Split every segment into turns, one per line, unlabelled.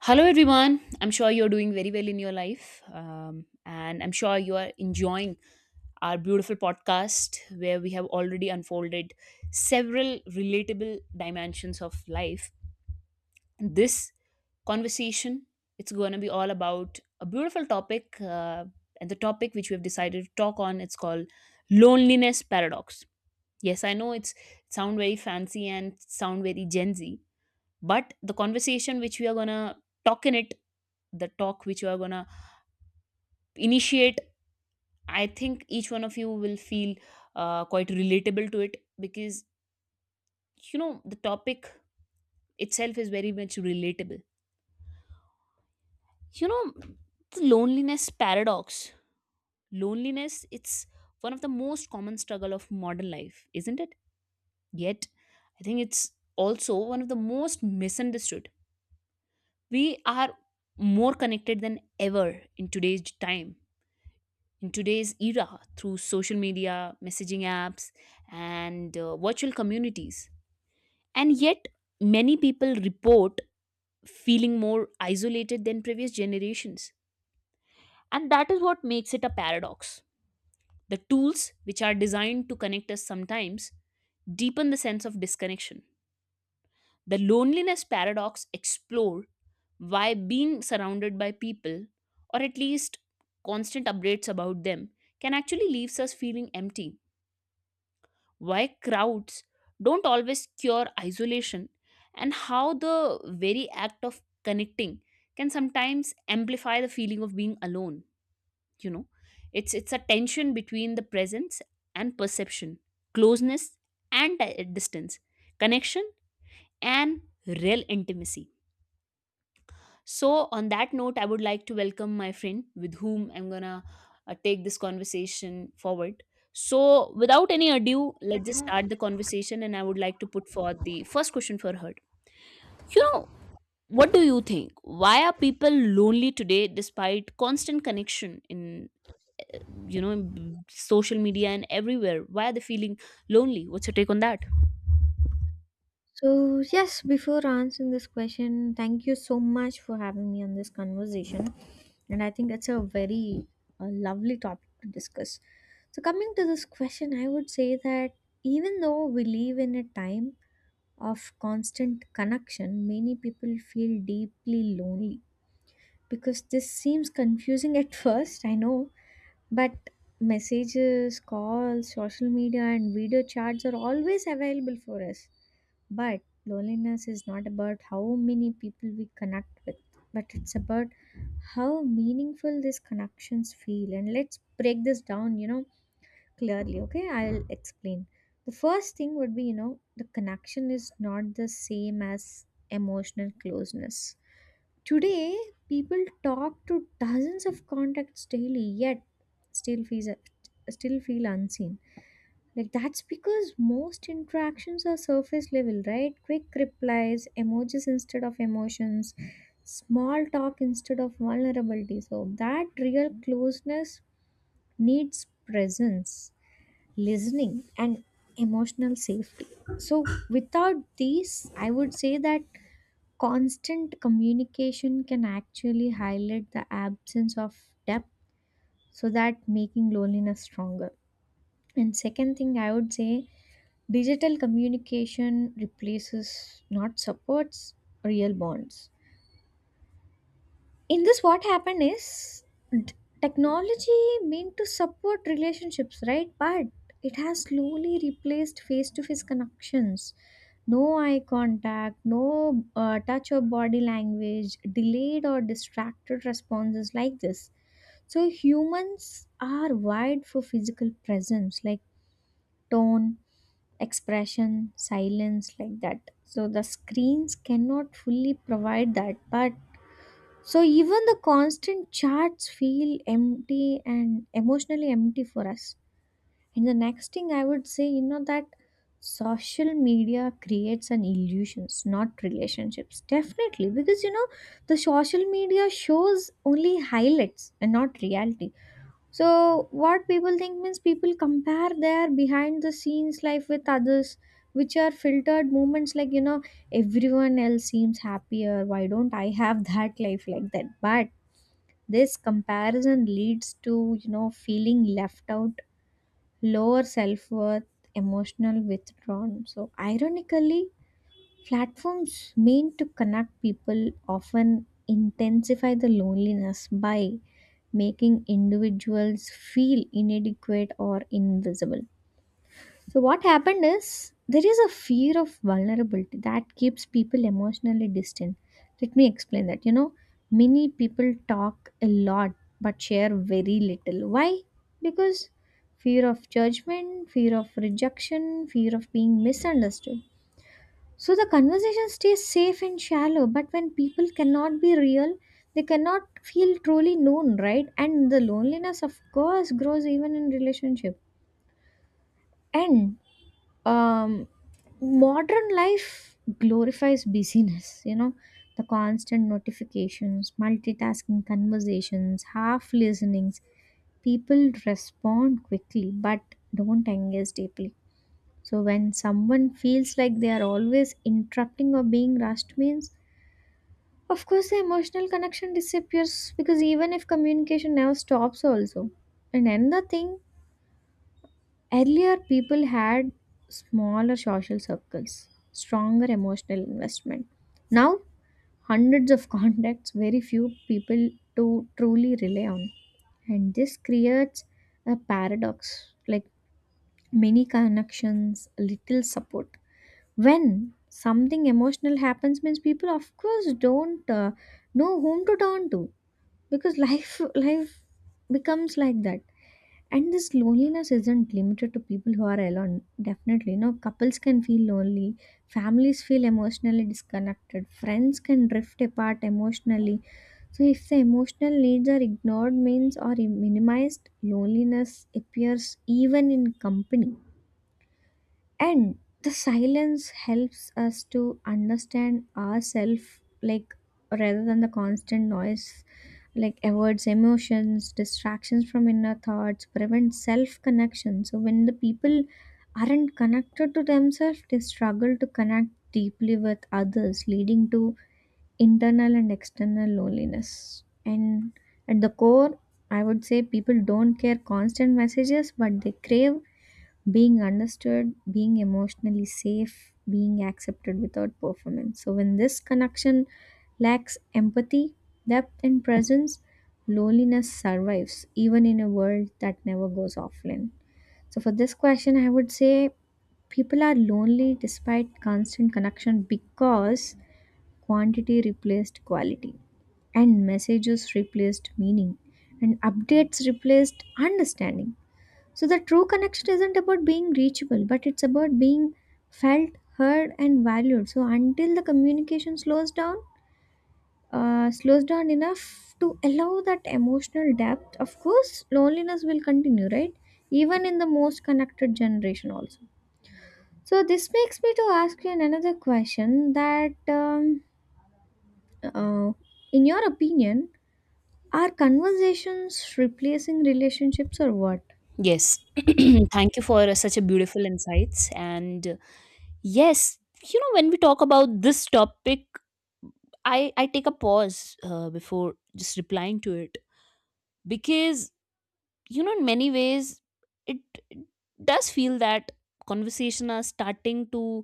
Hello, everyone. I'm sure you're doing very well in your life. And I'm sure you are enjoying our beautiful podcast where we have already unfolded several relatable dimensions of life. This conversation, it's going to be all about a beautiful topic. And the topic which we have decided to talk on, it's called loneliness paradox. Yes, I know it's sound very fancy and sound very Gen Z, but the conversation which we are going to talk in it the talk which you are gonna initiate, I think each one of you will feel quite relatable to it because, you know, the topic itself is very much relatable. You know, the loneliness paradox, loneliness, it's one of the most common struggle of modern life, isn't it? Yet I think it's also one of the most misunderstood. We are more connected than ever in today's time, in today's era, through social media, messaging apps, and virtual communities. And yet, many people report feeling more isolated than previous generations. And that is what makes it a paradox. The tools, which are designed to connect us sometimes, deepen the sense of disconnection. The loneliness paradox explore why being surrounded by people, or at least constant updates about them, can actually leaves us feeling empty, why crowds don't always cure isolation, and how the very act of connecting can sometimes amplify the feeling of being alone. You know, it's a tension between the presence and perception, closeness and distance, connection and real intimacy. So, on that note, I would like to welcome my friend with whom I'm gonna take this conversation forward. So, without any ado, let's just start the conversation. And I would like to put forth the first question for her. You know, what do you think? Why are people lonely today despite constant connection in, you know, in social media and everywhere? Why are they feeling lonely? What's your take on that?
So, yes, before answering this question, thank you so much for having me on this conversation. And I think it's a very lovely topic to discuss. So, coming to this question, I would say that even though we live in a time of constant connection, many people feel deeply lonely because this seems confusing at first, I know, but messages, calls, social media, and video chats are always available for us, but loneliness is not about how many people we connect with, but it's about how meaningful these connections feel. And let's break this down, you know, clearly. Okay, I'll explain. The first thing would be, you know, the connection is not the same as emotional closeness. Today, people talk to dozens of contacts daily, yet still feels still feel unseen, like that's because most interactions are surface level, right? Quick replies, emojis instead of emotions, small talk instead of vulnerability. So that real closeness needs presence, listening, and emotional safety. So without these, I would say that constant communication can actually highlight the absence of depth, so that making loneliness stronger. And second thing I would say, digital communication replaces, not supports, real bonds. In this, what happened is d- technology meant to support relationships, right? But it has slowly replaced face to face connections. No eye contact, no touch of body language, delayed or distracted responses, like this. So humans are wired for physical presence, like tone, expression, silence, like that. So the screens cannot fully provide that. But so even the constant chats feel empty and emotionally empty for us. And the next thing I would say, you know, that social media creates an illusions, not relationships. Definitely, because you know, the social media shows only highlights and not reality, so what people think means people compare their behind the scenes life with others, which are filtered moments, like, you know, everyone else seems happier. Why don't I have that life like that? But this comparison leads to, you know, feeling left out, lower self worth, emotional withdrawn. So, ironically, platforms meant to connect people often intensify the loneliness by making individuals feel inadequate or invisible. So, what happened is there is a fear of vulnerability that keeps people emotionally distant. Let me explain that. You know, many people talk a lot but share very little. Why? Because fear of judgment, fear of rejection, fear of being misunderstood. So the conversation stays safe and shallow, but when people cannot be real, they cannot feel truly known, right? And the loneliness, of course, grows even in relationship. And um, modern life glorifies busyness, you know, the constant notifications, multitasking conversations, half listenings. People respond quickly, but don't engage deeply. So when someone feels like they are always interrupting or being rushed means, of course, the emotional connection disappears because even if communication never stops, also. And another thing, earlier people had smaller social circles, stronger emotional investment. Now, hundreds of contacts, very few people to truly rely on. And this creates a paradox like many connections, little support. When something emotional happens, means people, of course, don't know whom to turn to because life becomes like that. And this loneliness isn't limited to people who are alone. Definitely no, couples can feel lonely, families feel emotionally disconnected, friends can drift apart emotionally. So if the emotional needs are ignored means or minimized, loneliness appears even in company. And the silence helps us to understand ourselves, like rather than the constant noise, like avoids emotions, distractions from inner thoughts, prevents self connection. So when the people aren't connected to themselves, they struggle to connect deeply with others, leading to internal and external loneliness. And at the core, I would say people don't care constant messages, but they crave being understood, being emotionally safe, being accepted without performance. So, when this connection lacks empathy, depth, and presence, loneliness survives even in a world that never goes offline. So, for this question, I would say people are lonely despite constant connection because quantity replaced quality, and messages replaced meaning, and updates replaced understanding. So the true connection isn't about being reachable, but it's about being felt, heard, and valued. So until the communication slows down enough to allow that emotional depth, of course, loneliness will continue, right? Even in the most connected generation, also. So this makes me to ask you another question that, uh, in your opinion, are conversations replacing relationships or what?
Yes. Thank you for such a beautiful insights. And yes, you know, when we talk about this topic, I take a pause before just replying to it because, you know, in many ways, it, it does feel that conversation are starting to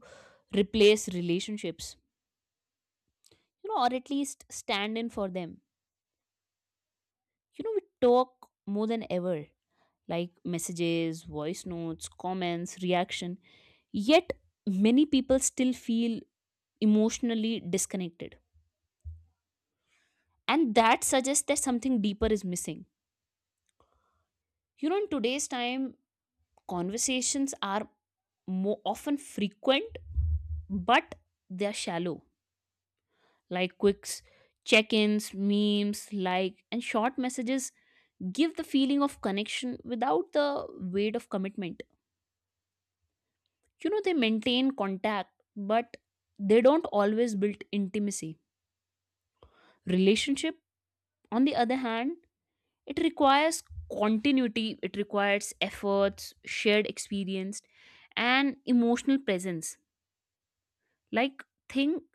replace relationships, you know, or at least stand in for them. You know, we talk more than ever, like messages, voice notes, comments, reaction. Yet, many people still feel emotionally disconnected. And that suggests that something deeper is missing. You know, in today's time, conversations are more often frequent, but they're shallow. Like quicks, check ins, memes, like, and short messages give the feeling of connection without the weight of commitment. You know, they maintain contact, but they don't always build intimacy. Relationship, on the other hand, it requires continuity, it requires efforts, shared experience, and emotional presence. Like thing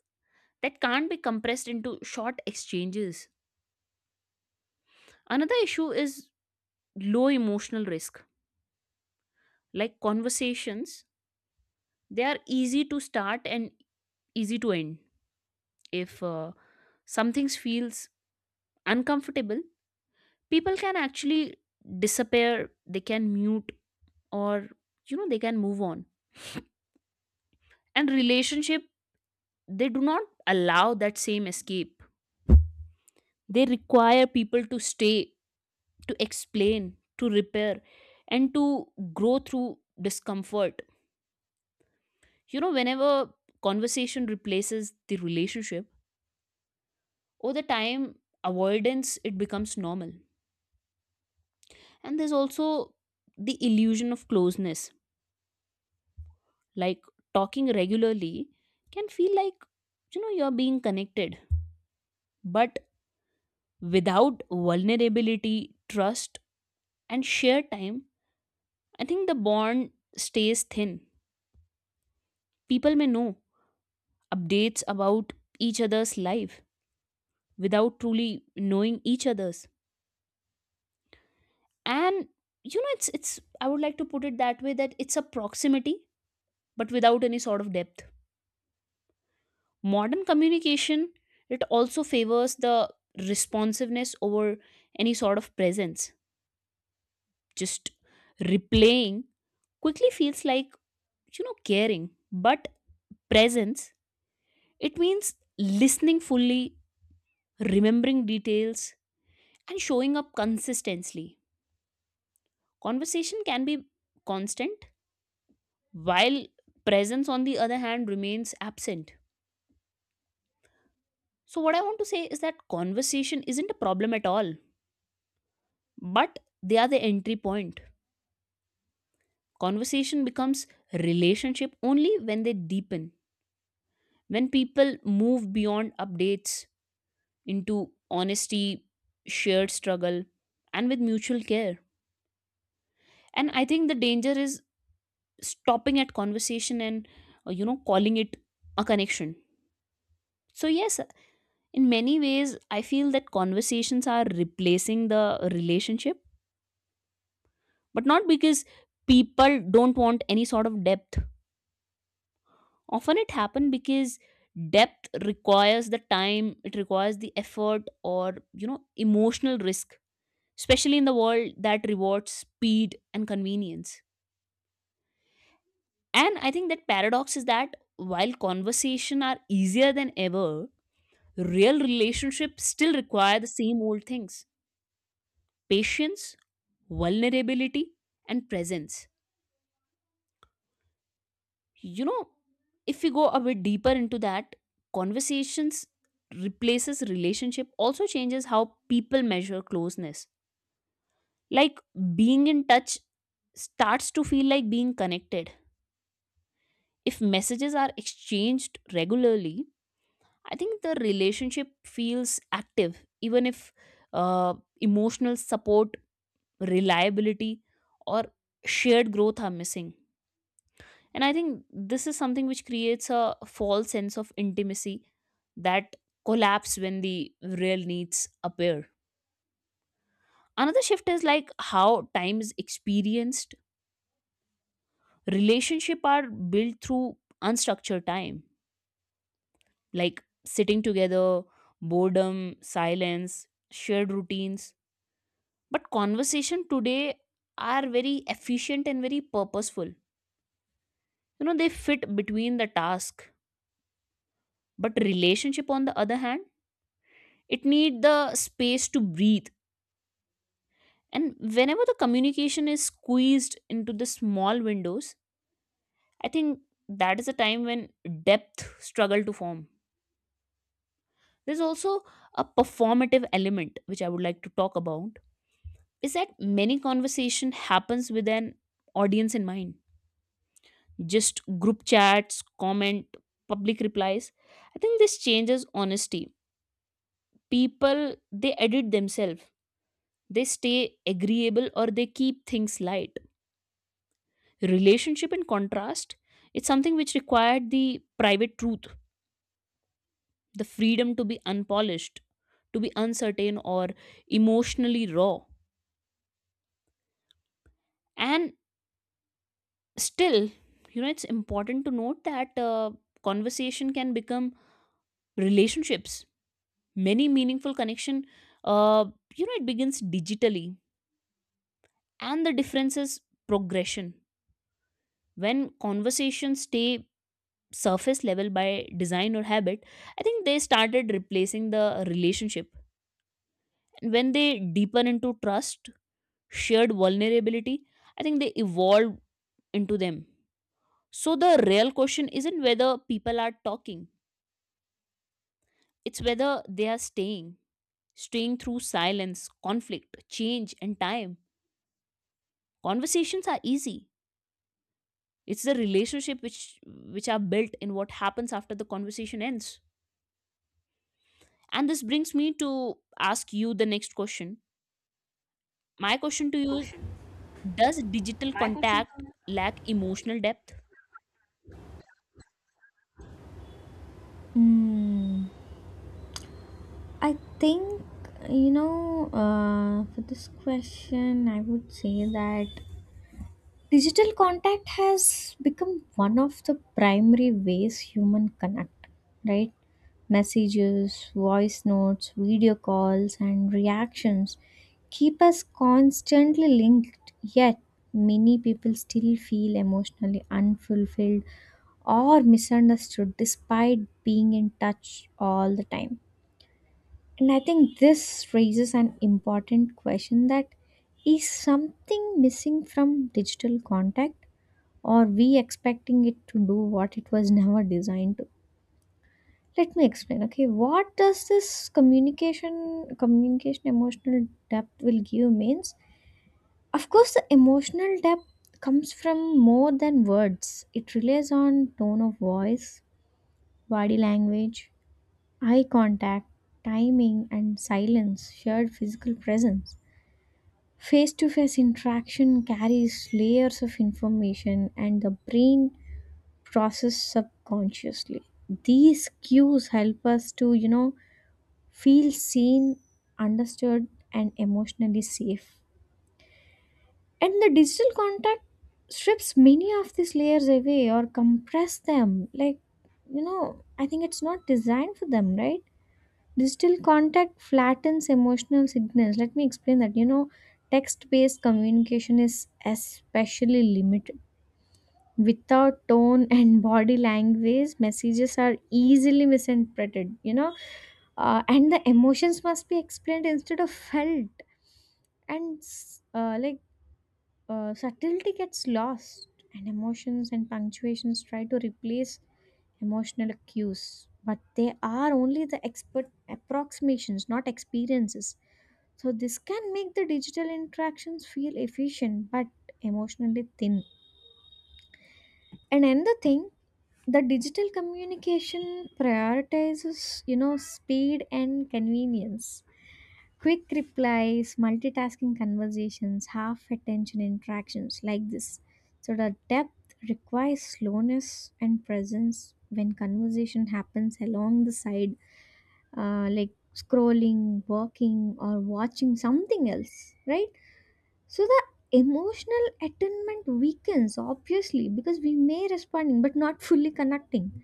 that can't be compressed into short exchanges. Another issue is low emotional risk. Like conversations, they are easy to start and easy to end. If something feels uncomfortable, people can actually disappear, they can mute, or, you know, they can move on. And relationship, they do not allow that same escape, they require people to stay, to explain, to repair, and to grow through discomfort. You know, whenever conversation replaces the relationship, over the time, avoidance, it becomes normal. And there's also the illusion of closeness. Like talking regularly can feel like, you know, you're being connected, but without vulnerability, trust, and shared time, I think the bond stays thin. People may know updates about each other's life without truly knowing each other's. And, you know, it's I would like to put it that way, that it's a proximity but without any sort of depth. Modern communication, it also favors the responsiveness over any sort of presence. Just replaying quickly feels like, you know, caring, but presence, it means listening fully, remembering details, and showing up consistently. Conversation can be constant, while presence, on the other hand, remains absent. So, what I want to say is that conversation isn't a problem at all, but they are the entry point. Conversation becomes relationship only when they deepen, when people move beyond updates into honesty, shared struggle, and with mutual care. And I think the danger is stopping at conversation and, you know, calling it a connection. So yes, in many ways I feel that conversations are replacing the relationship, but not because people don't want any sort of depth. Often it happens because depth requires the time, it requires the effort, or, you know, emotional risk, especially in the world that rewards speed and convenience. And I think that paradox is that while conversation are easier than ever, real relationships still require the same old things: patience, vulnerability, and presence. You know, if we go a bit deeper into that, conversations replaces relationship also changes how people measure closeness. Like being in touch starts to feel like being connected. If messages are exchanged regularly, I think the relationship feels active, even if uh, emotional support, reliability, or shared growth are missing. And I think this is something which creates a false sense of intimacy that collapse when the real needs appear. Another shift is like how time is experienced. Relationship are built through unstructured time, like sitting together, boredom, silence, shared routines. But conversation today are very efficient and very purposeful. You know, they fit between the task. But relationship, on the other hand, it need the space to breathe. And whenever the communication is squeezed into the small windows, I think that is a time when depth struggle to form. There's also a performative element which I would like to talk about, is that many conversation happens with an audience in mind. Just group chats, comment, public replies. I think this changes honesty. People, they edit themselves, they stay agreeable, or they keep things light. Relationship, in contrast, it's something which required the private truth, the freedom to be unpolished, to be uncertain or emotionally raw. And still, you know, it's important to note that conversation can become relationships. Many meaningful connection, uh, you know, it begins digitally, and the difference is progression. When conversations stay surface level by design or habit, I think they started replacing the relationship. And when they deepen into trust, shared vulnerability, I think they evolve into them. So the real question isn't whether people are talking, it's whether they are staying. Staying through silence, conflict, change, and time. Conversations are easy. It's the relationship which are built in what happens after the conversation ends. And this brings me to ask you the next question. My question to you is, does digital contact lack emotional depth?
Hmm. I think, you know, for this question, I would say that digital contact has become one of the primary ways human connect, right? Messages, voice notes, video calls, and reactions keep us constantly linked, yet many people still feel emotionally unfulfilled or misunderstood despite being in touch all the time. And I think this raises an important question, that is something missing from digital contact, or we expecting it to do what it was never designed to? Let me explain. Okay, what does this communication emotional depth will give means? Of course the emotional depth comes from more than words. It relies on tone of voice, body language, eye contact, timing and silence, shared physical presence. Face to face interaction carries layers of information and the brain processes subconsciously. These cues help us to, you know, feel seen, understood, and emotionally safe. And the digital contact strips many of these layers away or compress them. Like, you know, I think it's not designed for them, right? Digital contact flattens emotional signals. Let me explain that. You know, text based communication is especially limited. Without tone and body language, messages are easily misinterpreted, you know, and the emotions must be explained instead of felt. And like subtlety gets lost, and emotions and punctuations try to replace emotional cues, but they are only the expert approximations, not experiences. So, this can make the digital interactions feel efficient but emotionally thin. And another thing, the digital communication prioritizes, you know, speed and convenience. Quick replies, multitasking conversations, half attention interactions, like this. So, the depth requires slowness and presence when conversation happens along the side, like scrolling, walking, or watching something else, right? So the emotional attunement weakens obviously because we may responding but not fully connecting.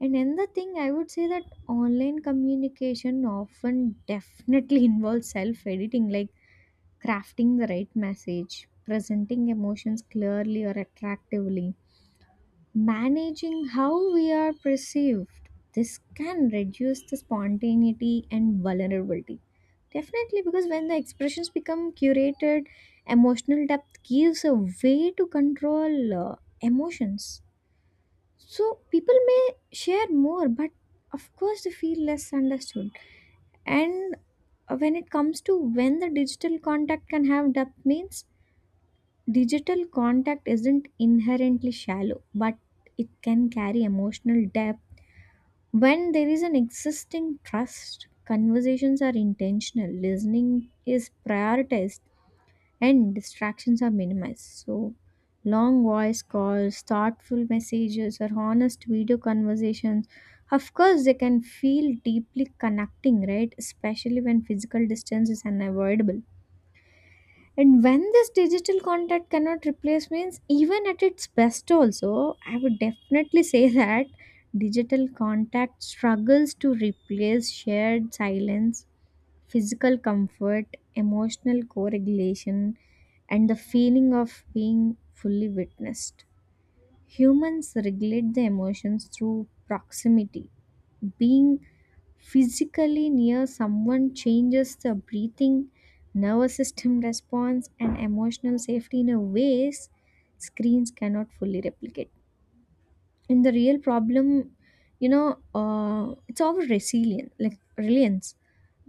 And another thing I would say that online communication often definitely involves self-editing, like crafting the right message, presenting emotions clearly or attractively, managing how we are perceived. This can reduce the spontaneity and vulnerability, definitely because when the expressions become curated, emotional depth gives a way to control emotions. So people may share more, but of course they feel less understood. And when it comes to when the digital contact can have depth means, digital contact isn't inherently shallow, but it can carry emotional depth. When there is an existing trust, conversations are intentional, listening is prioritized, and distractions are minimized. So, long voice calls, thoughtful messages, or honest video conversations, of course, they can feel deeply connecting, right? Especially when physical distance is unavoidable. And when this digital content cannot replace means, even at its best also, I would definitely say that digital contact struggles to replace shared silence, physical comfort, emotional co-regulation, and the feeling of being fully witnessed. Humans regulate the emotions through proximity. Being physically near someone changes the breathing, nervous system response, and emotional safety in a ways screens cannot fully replicate. And the real problem, you know, it's our resilience, like reliance.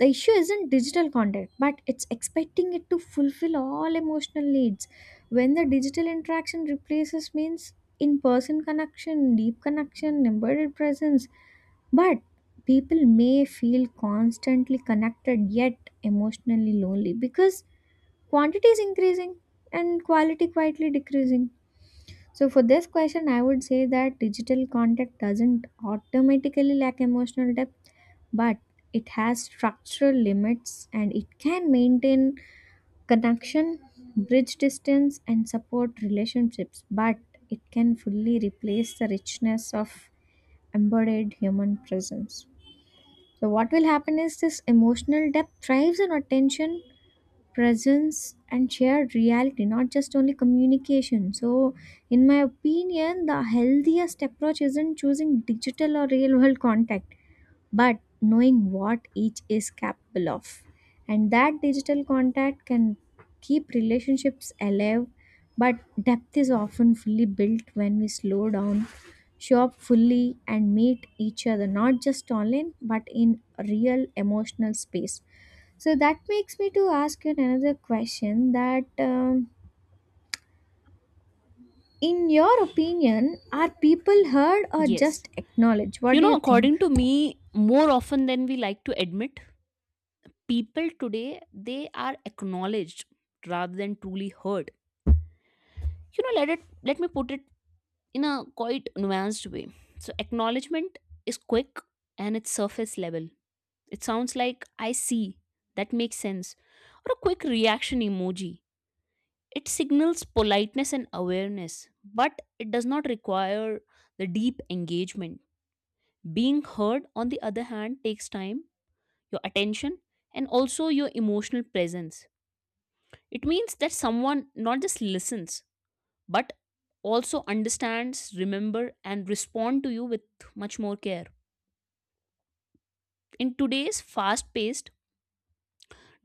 The issue isn't digital content but it's expecting it to fulfill all emotional needs. When the digital interaction replaces means in person connection, deep connection, embodied presence, but people may feel constantly connected yet emotionally lonely because quantity is increasing and quality quietly decreasing. So, for this question, I would say that digital contact doesn't automatically lack emotional depth, but it has structural limits, and it can maintain connection, bridge distance, and support relationships, but it can fully replace the richness of embodied human presence. So, what will happen is this emotional depth thrives on attention, presence, and shared reality, not just only communication. So in my opinion the healthiest approach isn't choosing digital or real world contact, but knowing what each is capable of. And that digital contact can keep relationships alive, but depth is often fully built when we slow down, show up fully, and meet each other, not just online, but in real emotional space. So that makes me to ask you another question that in your opinion, are people heard or
Yes.
just acknowledged? What
You
do
know,
you think?
according to me, more often than we like to admit, people today, they are acknowledged rather than truly heard. You know, let me put it in a quite nuanced way. So acknowledgement is quick and it's surface level. It sounds like "I see," "that makes sense," or a quick reaction emoji. It signals politeness and awareness, but it does not require the deep engagement. Being heard, on the other hand, takes time, your attention, and also your emotional presence. It means that someone not just listens, but also understands, remember, and respond to you with much more care. In today's fast paced,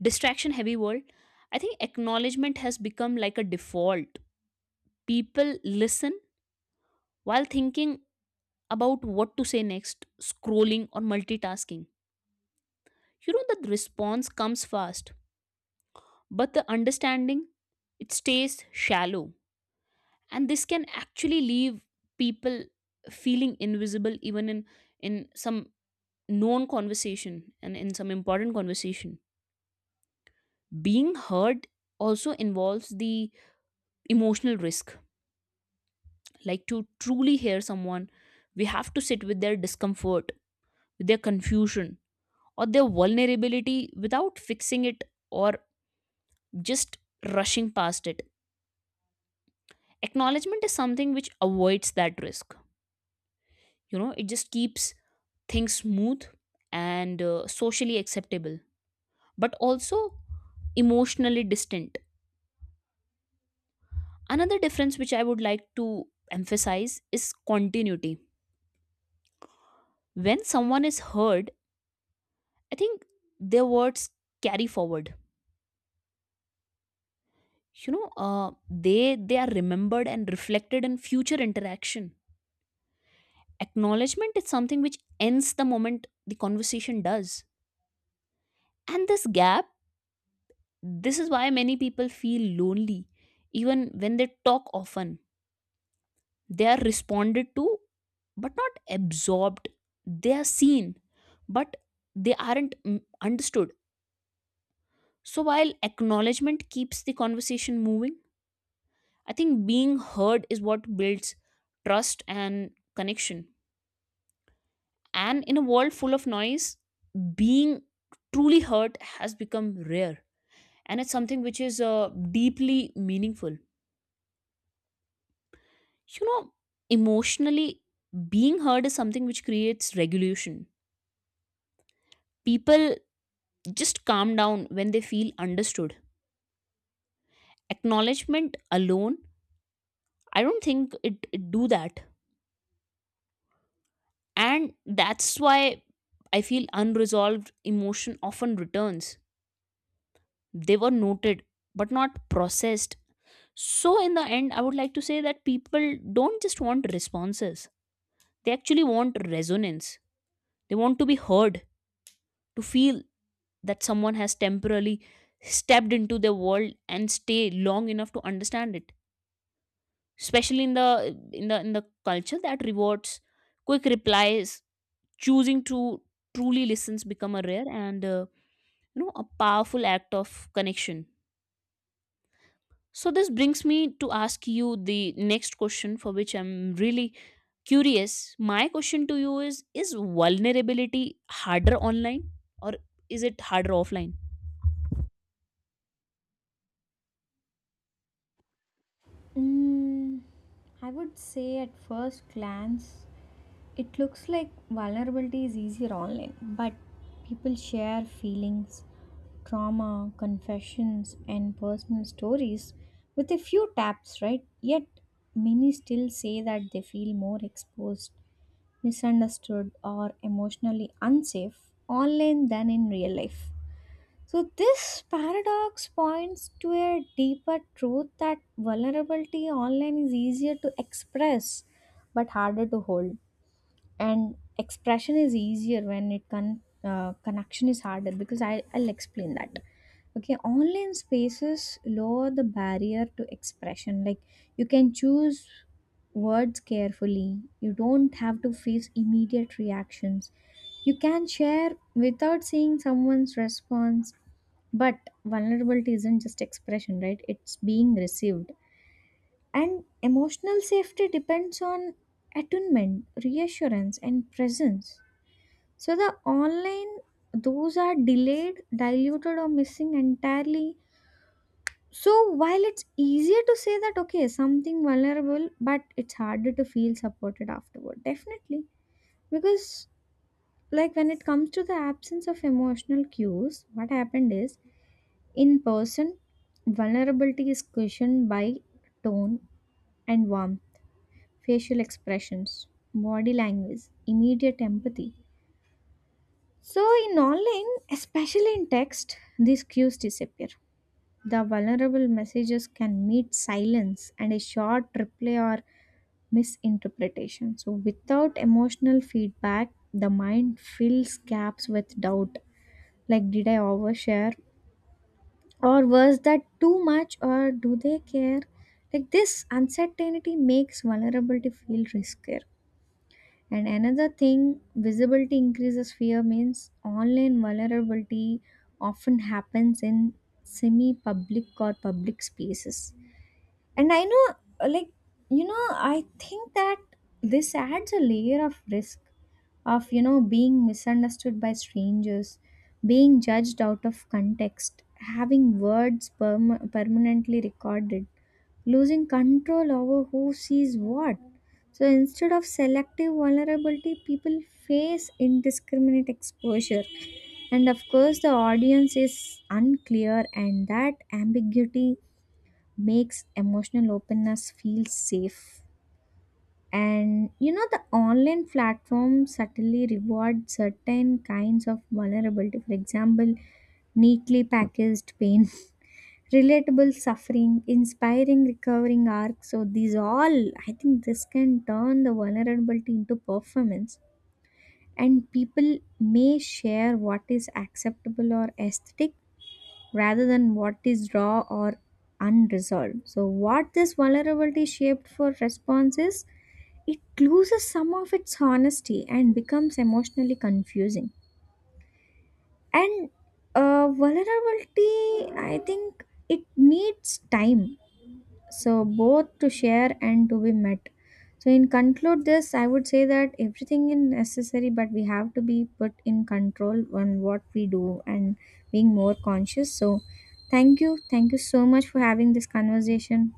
distraction heavy world, I think acknowledgement has become like a default. People listen while thinking about what to say next, scrolling, or multitasking. You know, the response comes fast, but the understanding, it stays shallow. And this can actually leave people feeling invisible even in some known conversation and in some important conversation. Being heard also involves the emotional risk. Like to truly hear someone, we have to sit with their discomfort, with their confusion, or their vulnerability without fixing it or just rushing past it. Acknowledgement is something which avoids that risk. You know, it just keeps things smooth and socially acceptable, but also emotionally distant. Another difference which I would like to emphasize is continuity. When someone is heard, I think their words carry forward. You know, they are remembered and reflected in future interaction. Acknowledgement is something which ends the moment the conversation does. And this gap, this is why many people feel lonely even when they talk often. They are responded to but not absorbed. They are seen but they aren't, understood. So while acknowledgement keeps the conversation moving, I think being heard is what builds trust and connection. And in a world full of noise, being truly heard has become rare, and it's something which is deeply meaningful. You know, emotionally, being heard is something which creates regulation. People just calm down when they feel understood. Acknowledgement alone, I don't think it do that. And that's why I feel unresolved emotion often returns. They were noted but not processed. So in the end I would like to say that people don't just want responses, they actually want resonance. They want to be heard, to feel that someone has temporarily stepped into their world and stay long enough to understand it. Especially in the in the culture that rewards quick replies, choosing to truly listens become a rare and, you know, a powerful act of connection. So this brings me to ask you the next question for which I'm really curious. My question to you is vulnerability harder online or is it harder offline?
Mm, I would say at first glance, it looks like vulnerability is easier online, but people share feelings, trauma, confessions, and personal stories with a few taps, right? Yet many still say that they feel more exposed, misunderstood, or emotionally unsafe online than in real life. So, this paradox points to a deeper truth that vulnerability online is easier to express but harder to hold. And expression is easier when connection is harder because I'll explain that. Okay, online spaces lower the barrier to expression. Like you can choose words carefully, you don't have to face immediate reactions. You can share without seeing someone's response, but vulnerability isn't just expression, right? It's being received. And emotional safety depends on attunement, reassurance, and presence. So the online, those are delayed, diluted, or missing entirely. So while it's easier to say that, okay, something vulnerable, but it's harder to feel supported afterward. Definitely. Because, like, when it comes to the absence of emotional cues, what happened is in person, vulnerability is cushioned by tone and warmth, facial expressions, body language, immediate empathy. So, in online, especially in text, these cues disappear. The vulnerable messages can meet silence and a short reply or misinterpretation. So, without emotional feedback, the mind fills gaps with doubt like, did I overshare? Or was that too much, or do they care? Like this uncertainty makes vulnerability feel riskier. And another thing, visibility increases fear means online vulnerability often happens in semi public or public spaces. And I know, like, you know, I think that this adds a layer of risk of, you know, being misunderstood by strangers, being judged out of context, having words permanently recorded, losing control over who sees what. So instead of selective vulnerability, people face indiscriminate exposure. And of course, the audience is unclear, and that ambiguity makes emotional openness feel safe. And you know, the online platform subtly reward certain kinds of vulnerability, for example, neatly packaged pain, relatable suffering, inspiring recovering arcs. So these all, I think this can turn the vulnerability into performance. And people may share what is acceptable or aesthetic rather than what is raw or unresolved. So, what this vulnerability shaped for response is it loses some of its honesty and becomes emotionally confusing. And vulnerability, I think it needs time, so both to share and to be met. So in conclude this, I would say that everything is necessary, but we have to be put in control on what we do and being more conscious. So thank you, thank you so much for having this conversation.